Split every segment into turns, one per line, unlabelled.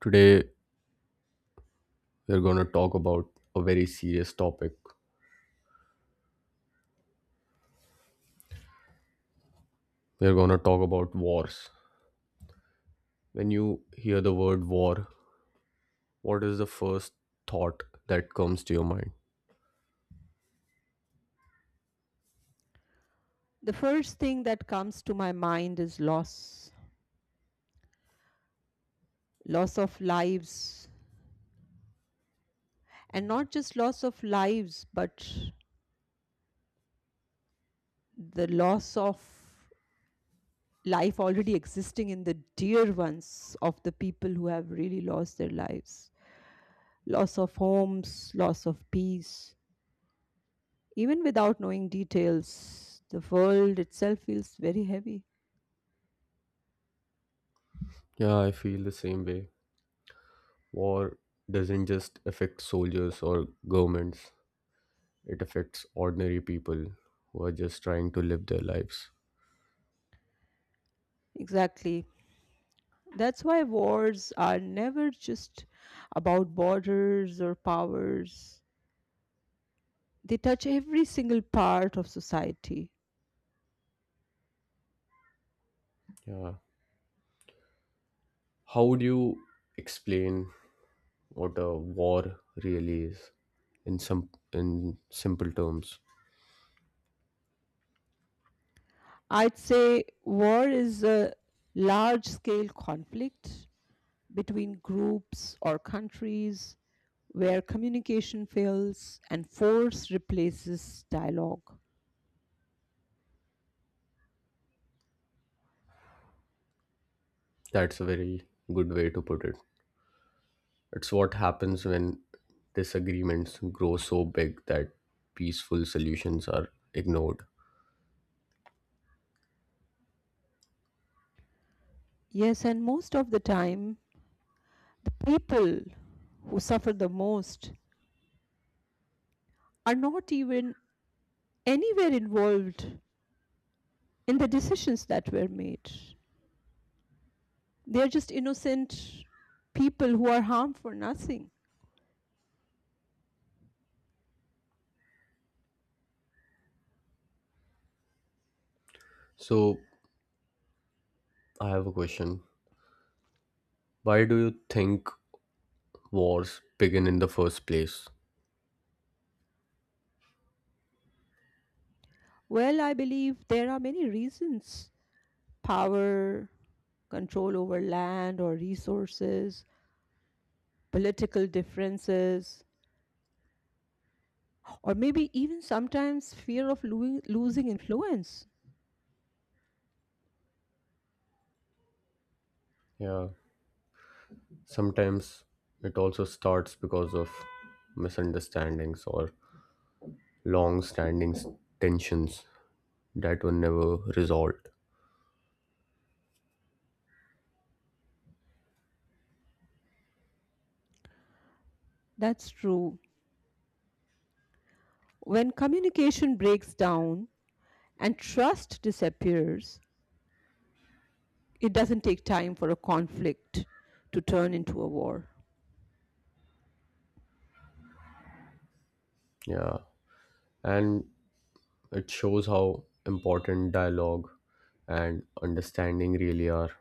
Today, we're going to talk about a very serious topic. We're going to talk about wars. When you hear the word war, what is the first thought that comes to your mind?
The first thing that comes to my mind is loss, loss of lives, and not just loss of lives, but the loss of life already existing in the dear ones of the people who have really lost their lives. Loss of homes, loss of peace. Even without knowing details, the world itself feels very heavy.
Yeah, I feel the same way. War doesn't just affect soldiers or governments, it affects ordinary people who are just trying to live their lives.
Exactly. That's why wars are never just about borders or powers. They touch every single part of society.
Yeah. How would you explain what a war really is in simple terms?
I'd say war is a large scale conflict between groups or countries where communication fails and force replaces dialogue.
That's a very good way to put it. It's what happens when disagreements grow so big that peaceful solutions are ignored.
Yes, and most of the time, people who suffer the most are not even anywhere involved in the decisions that were made. They are just innocent people who are harmed for nothing.
So, I have a question. Why do you think wars begin in the first place?
Well, I believe there are many reasons: power, control over land or resources, political differences, or maybe even sometimes fear of losing influence.
Yeah, sometimes it also starts because of misunderstandings or long standing tensions that were never resolved.
That's true. When communication breaks down and trust disappears, it doesn't take time for a conflict to turn into a war.
Yeah, and it shows how important dialogue and understanding really are.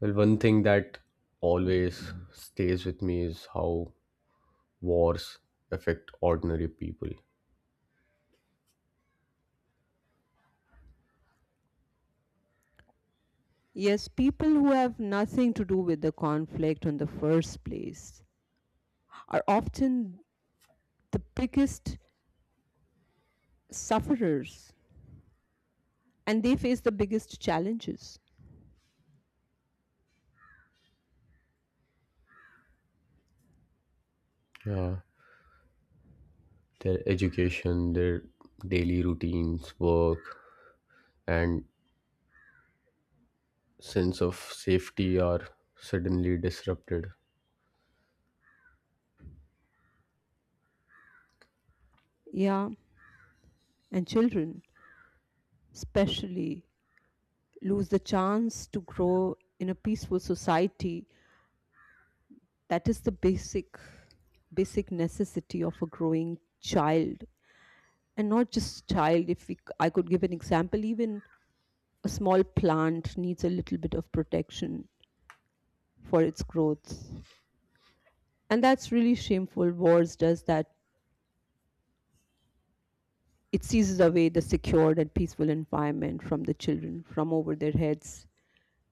Well, one thing that always stays with me is how wars affect ordinary people.
Yes, people who have nothing to do with the conflict in the first place are often the biggest sufferers, and they face the biggest challenges.
Yeah, their education, their daily routines, work, and sense of safety are suddenly disrupted.
Yeah, and children, especially, lose the chance to grow in a peaceful society. That is the basic necessity of a growing child, and not just child. If I could give an example, even a small plant needs a little bit of protection for its growth, and that's really shameful. Wars does that. It seizes away the secured and peaceful environment from the children, from over their heads,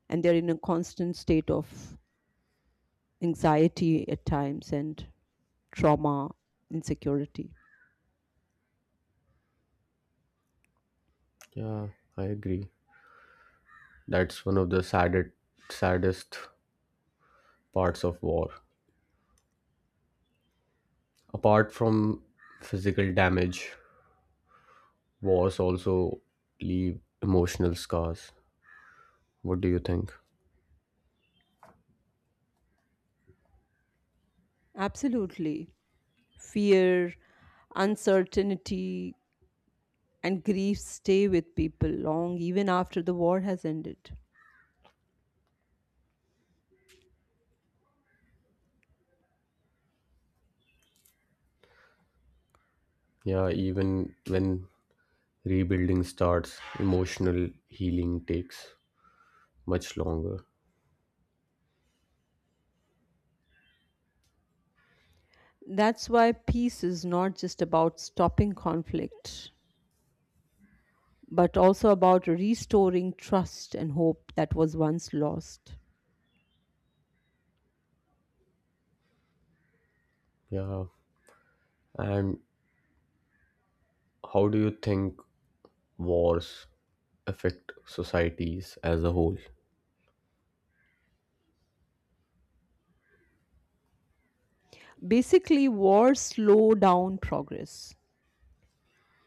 and they're in a constant state of anxiety at times, and trauma, insecurity.
Yeah, I agree. That's one of the saddest parts of war. Apart from physical damage, wars also leave emotional scars. What do you think?
Absolutely. Fear, uncertainty, and grief stay with people long even after the war has ended.
Yeah, even when rebuilding starts, emotional healing takes much longer.
That's why peace is not just about stopping conflict, but also about restoring trust and hope that was once lost.
Yeah, and how do you think wars affect societies as a whole?
Basically, wars slow down progress.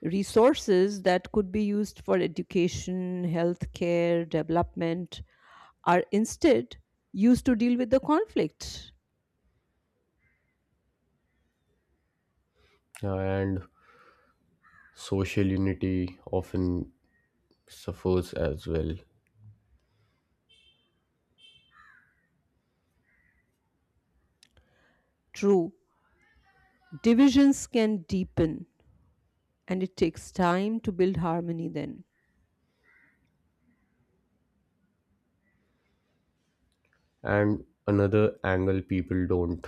Resources that could be used for education, healthcare, development are instead used to deal with the conflict.
Yeah, and social unity often suffers as well.
True, divisions can deepen and it takes time to build harmony then.
And another angle people don't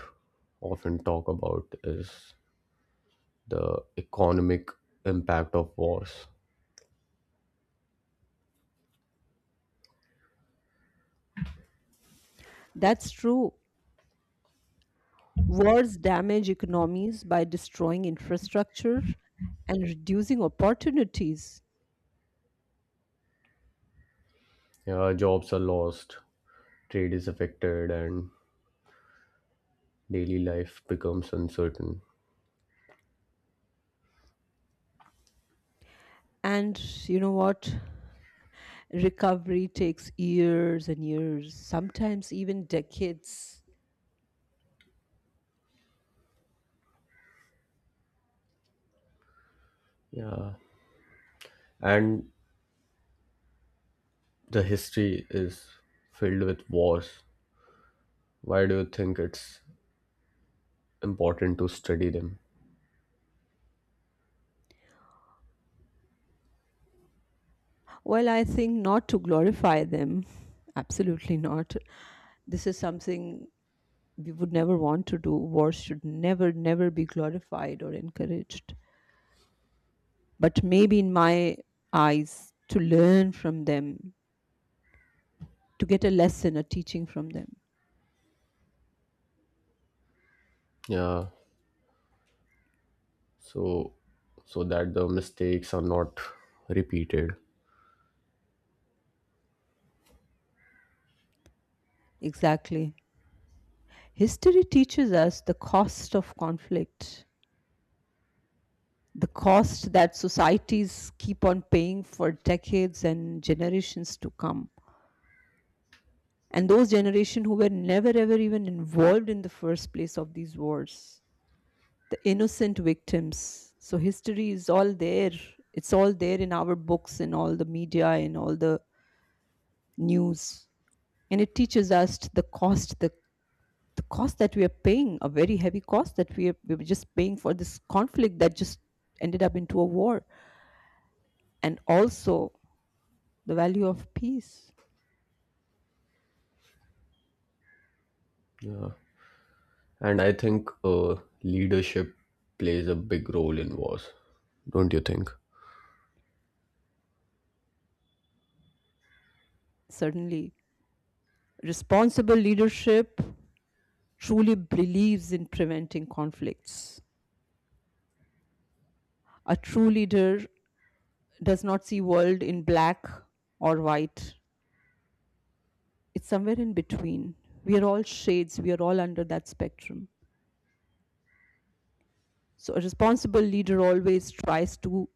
often talk about is the economic impact of wars.
That's true. Wars damage economies by destroying infrastructure and reducing opportunities.
Yeah, jobs are lost, trade is affected, and daily life becomes uncertain.
And you know what? Recovery takes years and years, sometimes even decades.
Yeah, and the history is filled with wars. Why do you think it's important to study them?
Well, I think not to glorify them. Absolutely not. This is something we would never want to do. War should never, never be glorified or encouraged. But maybe in my eyes, to learn from them, to get a lesson, a teaching from them.
Yeah, so so that the mistakes are not repeated.
Exactly. History teaches us the cost of conflict, the cost that societies keep on paying for decades and generations to come, and those generation who were never ever even involved in the first place of these wars, the innocent victims. So history is all there, it's all there in our books, in all the media, in all the news, and it teaches us the cost that we are paying a very heavy cost that we were just paying for this conflict that just ended up into a war, and also the value of peace.
And I think leadership plays a big role in wars, don't you think?
Certainly, responsible leadership truly believes in preventing conflicts. A true leader does not see world in black or white. It's somewhere in between. We are all shades, we are all under that spectrum. So a responsible leader always tries to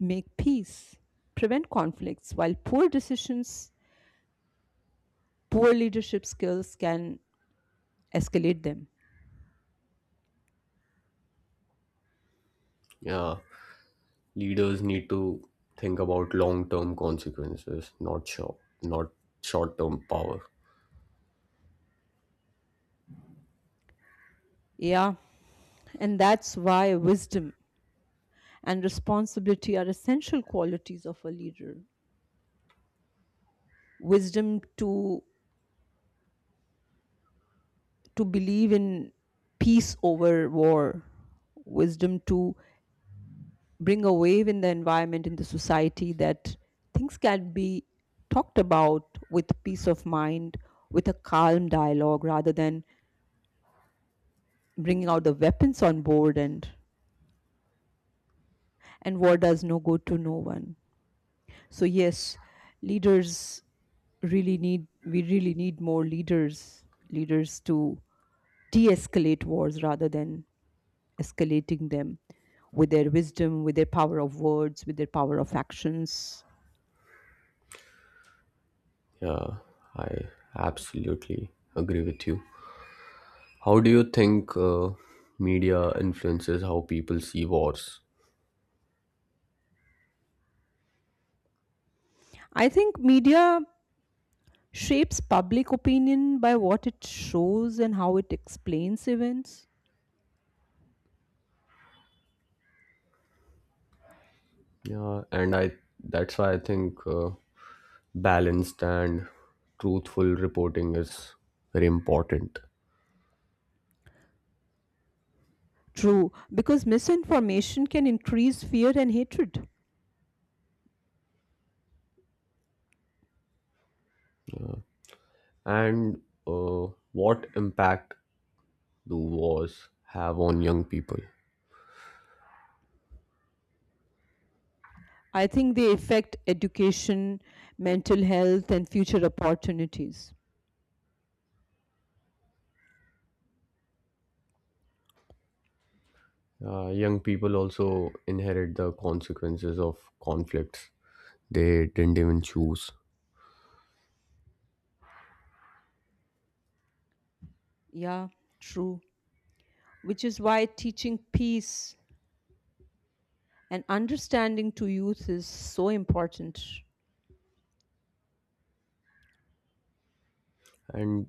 make peace, prevent conflicts, while poor decisions, poor leadership skills can escalate them.
Yeah, leaders need to think about long term consequences, not short term power.
Yeah, and that's why wisdom and responsibility are essential qualities of a leader. Wisdom to believe in peace over war, wisdom to bring a wave in the environment, in the society, that things can be talked about with peace of mind, with a calm dialogue rather than bringing out the weapons on board, and war does no good to no one. So yes, leaders really need we really need more leaders to de escalate wars rather than escalating them with their wisdom, with their power of words, with their power of actions.
Yeah, I absolutely agree with you. How do you think media influences how people see wars?
I think media shapes public opinion by what it shows and how it explains events.
Yeah, and I that's why I think balanced and truthful reporting is very important.
True, because misinformation can increase fear and hatred.
And what impact do wars have on young people?
I think they affect education, mental health, and future opportunities.
Young people also inherit the consequences of conflicts they didn't even choose.
Yeah, true. Which is why teaching peace and understanding to youth is so important.
And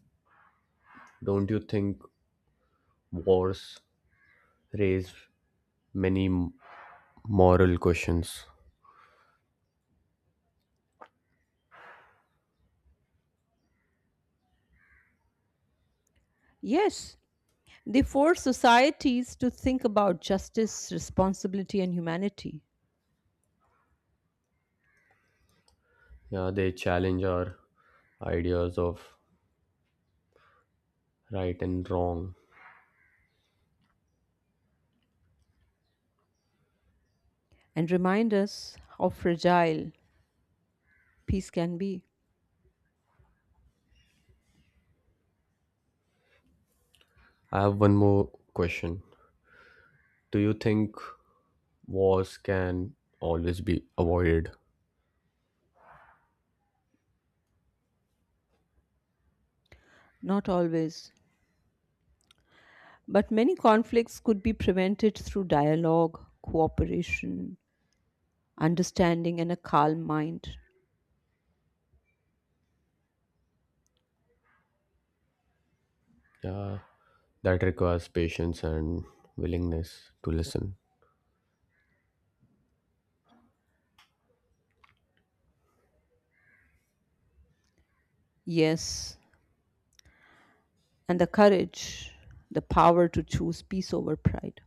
don't you think wars raise many m- moral questions?
Yes, they force societies to think about justice, responsibility, and humanity,
Yeah, they challenge our ideas of right and wrong.
and remind us how fragile peace can be.
I have one more question. Do you think wars can always be avoided?
Not always, but many conflicts could be prevented through dialogue, cooperation, understanding, and a calm mind.
Yeah, that requires patience and willingness to listen.
Yes, and the courage, the power to choose peace over pride.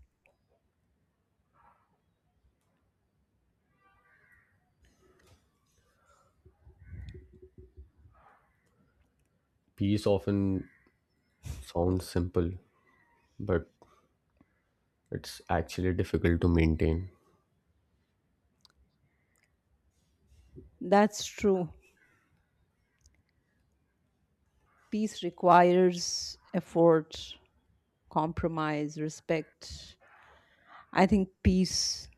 Peace often sounds simple, but it's actually difficult to maintain.
That's true. Peace requires effort, compromise, respect. I think peace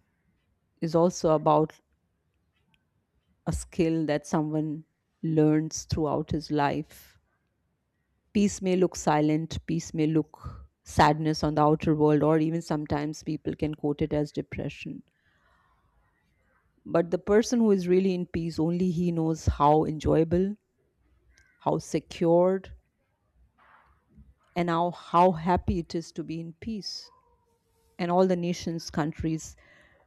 is also about a skill that someone learns throughout his life. Peace may look silent, peace may look sadness on the outer world, or even sometimes people can quote it as depression. But the person who is really in peace, only he knows how enjoyable, how secured, and how happy it is to be in peace. And all the nations, countries,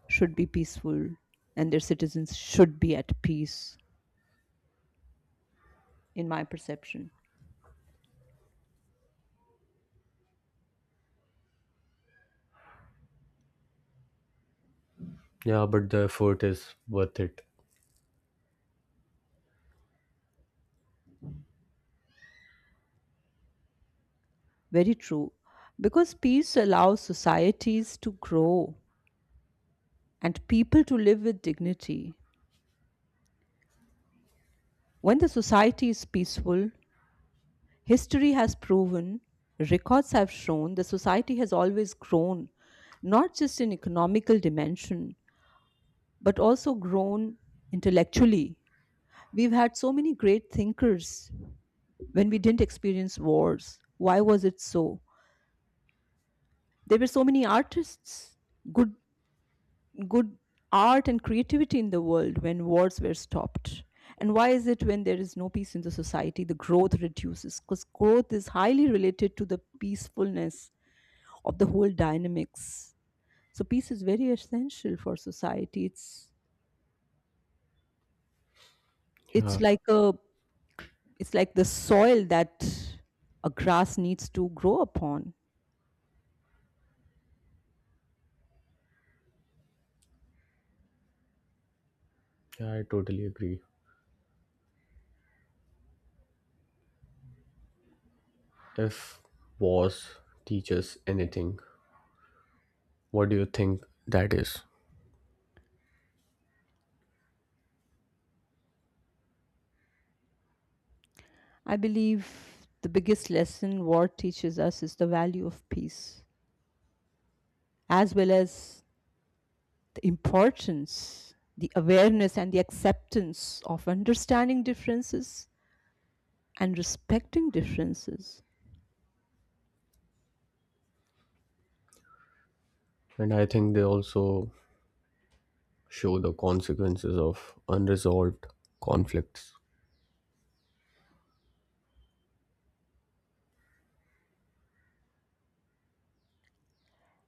should be peaceful and their citizens should be at peace, in my perception.
Yeah, but the effort is worth it.
Very true. Because peace allows societies to grow and people to live with dignity. When the society is peaceful, history has proven, records have shown, the society has always grown, not just in economical dimension, but also grown intellectually. We've had so many great thinkers when we didn't experience wars. Why was it so? There were so many artists, good good art and creativity in the world when wars were stopped. And why is it when there is no peace in the society the growth reduces? Because growth is highly related to the peacefulness of the whole dynamics. So peace is very essential for society.
Yeah,
It's like a it's like the soil that a grass needs to grow upon.
yeah, I totally agree. If wars teaches anything, what do you think that is?
I believe the biggest lesson war teaches us is the value of peace, as well as the importance, the awareness, and the acceptance of understanding differences and respecting differences,
And I think they also show the consequences of unresolved conflicts.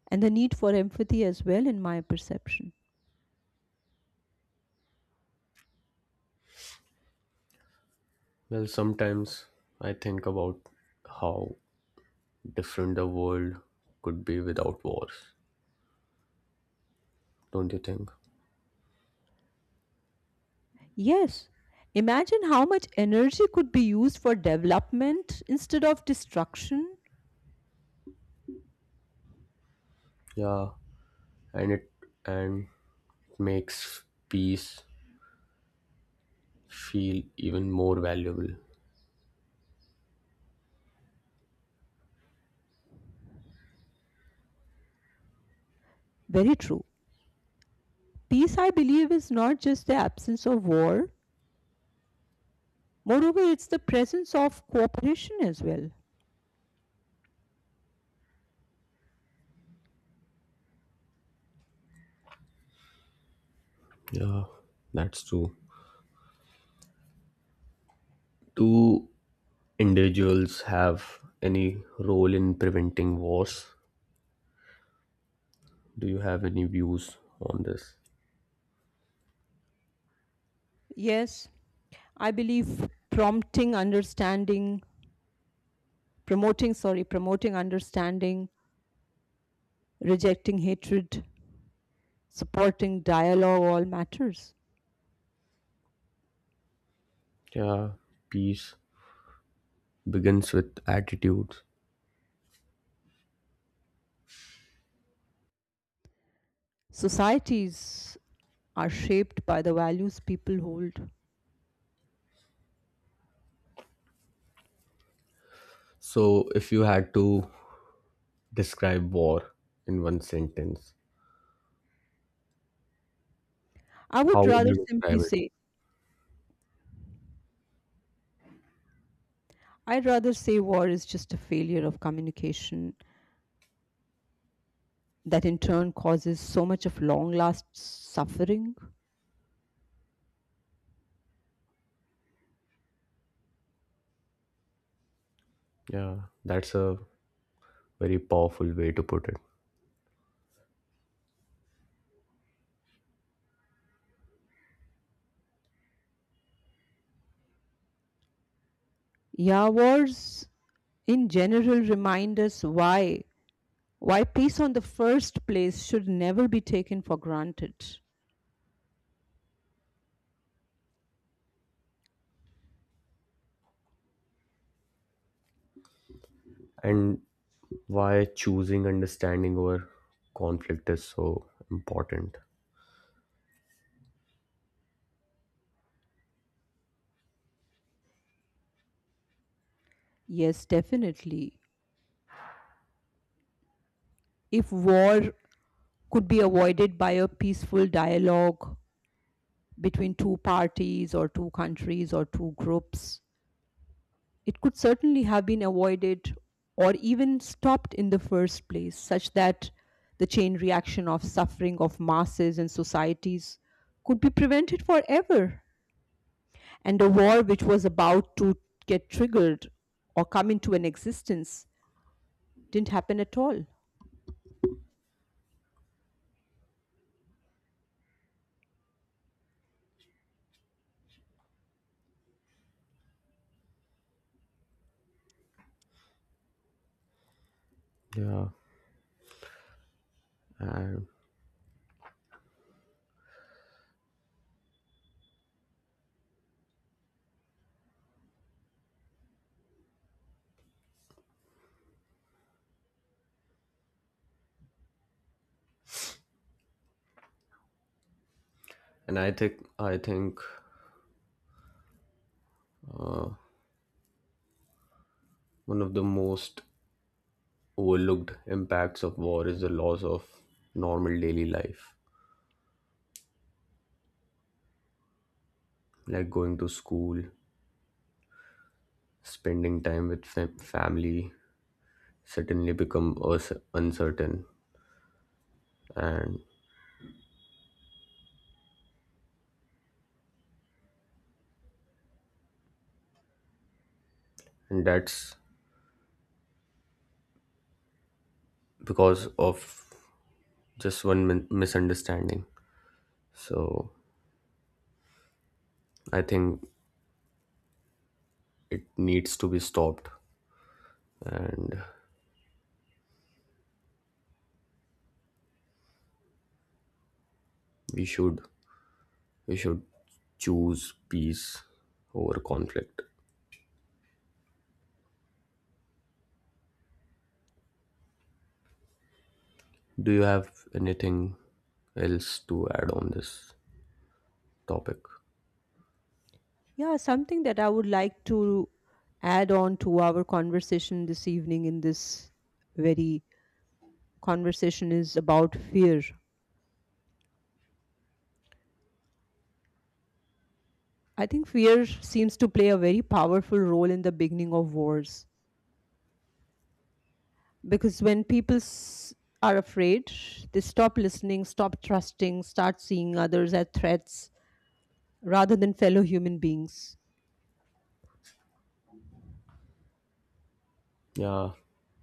and the need for empathy as well, in my perception.
Well, sometimes I think about how different the world could be without wars. Don't you think?
Yes, imagine how much energy could be used for development instead of destruction.
Yeah, and it and makes peace feel even more valuable.
Very true. Peace, I believe, is not just the absence of war, moreover, it's the presence of cooperation as well.
Yeah, that's true. Do individuals have any role in preventing wars? Do you have any views on this?
Yes, I believe prompting understanding, promoting sorry promoting understanding, rejecting hatred, supporting dialogue, all matters.
Yeah, peace begins with attitudes.
Societies are shaped by the values people hold.
So, if you had to describe war in one sentence,
I
how
would
would
rather
you describe
simply
it?
say, I'd rather say war is just a failure of communication that in turn causes so much of long last suffering.
Yeah, that's a very powerful way to put it.
Yeah, wars in general remind us why peace on the first place should never be taken for granted.
And why choosing understanding over conflict is so important.
Yes, definitely. If war could be avoided by a peaceful dialogue between two parties or two countries or two groups, it could certainly have been avoided or even stopped in the first place, such that the chain reaction of suffering of masses and societies could be prevented forever. And a war which was about to get triggered or come into an existence didn't happen at all.
Yeah, and and I think one of the most overlooked impacts of war is the loss of normal daily life, like going to school, spending time with family, suddenly become uncertain, and and that's because of just one misunderstanding. So I think it needs to be stopped, and we should we should choose peace over conflict. Do you have anything else to add on this topic?
Yeah, something that I would like to add on to our conversation this evening in this very conversation is about fear. I think fear seems to play a very powerful role in the beginning of wars because when are afraid, they stop listening, stop trusting, start seeing others as threats rather than fellow human beings.
Yeah,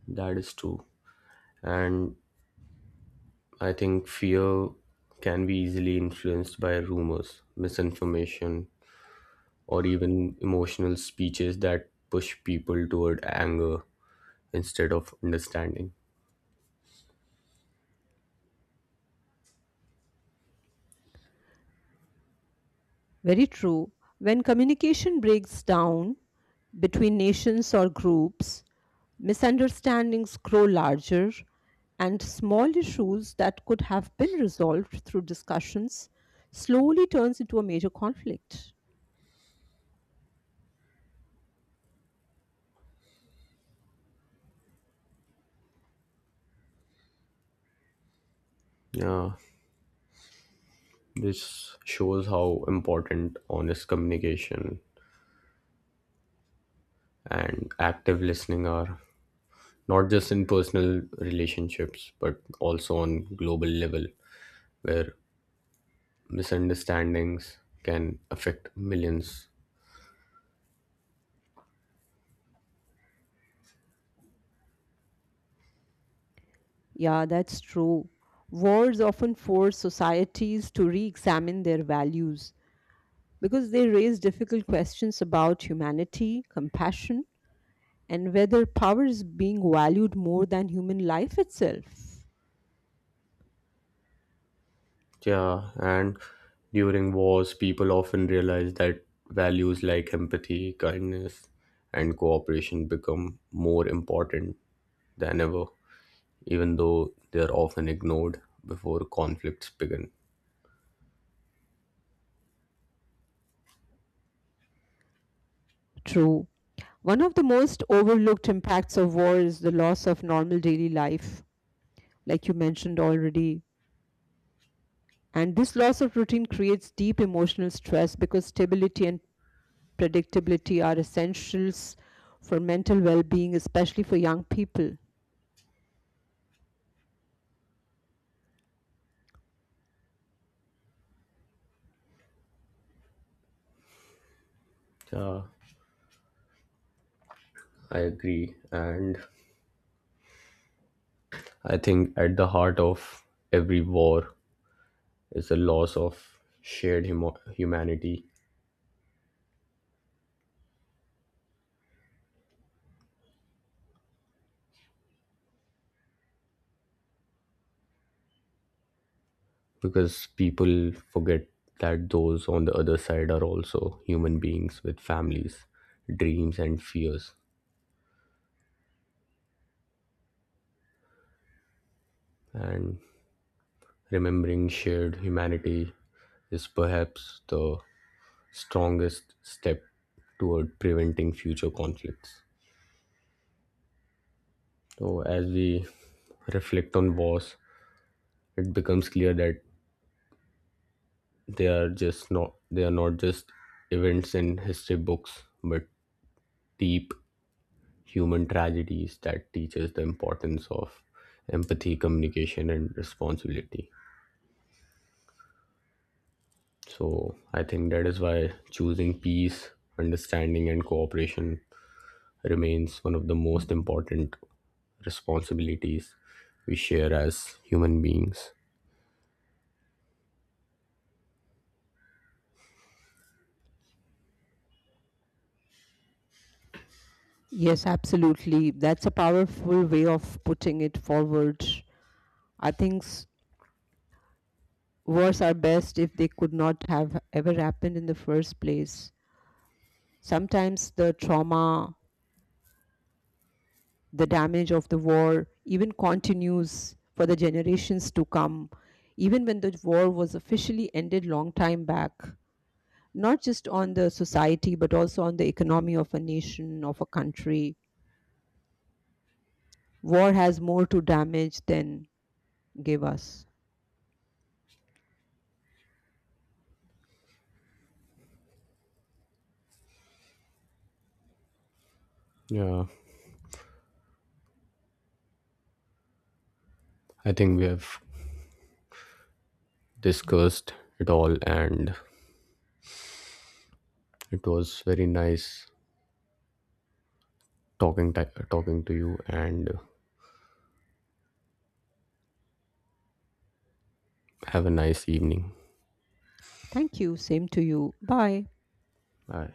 that is true. And I think fear can be easily influenced by rumors, misinformation, or even emotional speeches that push people toward anger instead of understanding.
Very true. When communication breaks down between nations or groups, misunderstandings grow larger, and small issues that could have been resolved through discussions slowly turns into a major conflict.
Yeah, this shows how important honest communication and active listening are, not just in personal relationships, but also on global level, where misunderstandings can affect millions.
Yeah, that's true. Wars often force societies to re-examine their values because they raise difficult questions about humanity, compassion, and whether power is being valued more than human life itself.
Yeah, and during wars, people often realize that values like empathy, kindness, and cooperation become more important than ever, even though they are often ignored before conflicts begin.
True. One of the most overlooked impacts of war is the loss of normal daily life, like you mentioned already. And this loss of routine creates deep emotional stress because stability and predictability are essentials for mental well being, especially for young people.
Yeah, I agree. And I think at the heart of every war it's a loss of shared humo humanity because people forget that those on the other side are also human beings with families, dreams, and fears. And remembering shared humanity is perhaps the strongest step toward preventing future conflicts. So, as we reflect on wars, it becomes clear that they are not just events in history books, but deep human tragedies that teaches the importance of empathy, communication, and responsibility. So I think that is why choosing peace, understanding, and cooperation remains one of the most important responsibilities we share as human beings.
Yes, absolutely. That's a powerful way of putting it forward. I think s- Wars are best if they could not have ever happened in the first place. Sometimes the trauma, the damage of the war even continues for the generations to come, even when the war was officially ended long time back. Not just on the society, but also on the economy of a nation, of a country. War has more to damage than give us.
Yeah, I think we have discussed it all, and it was very nice talking ti talking to you. And have a nice evening.
Thank you. Same to you. Bye.
Bye.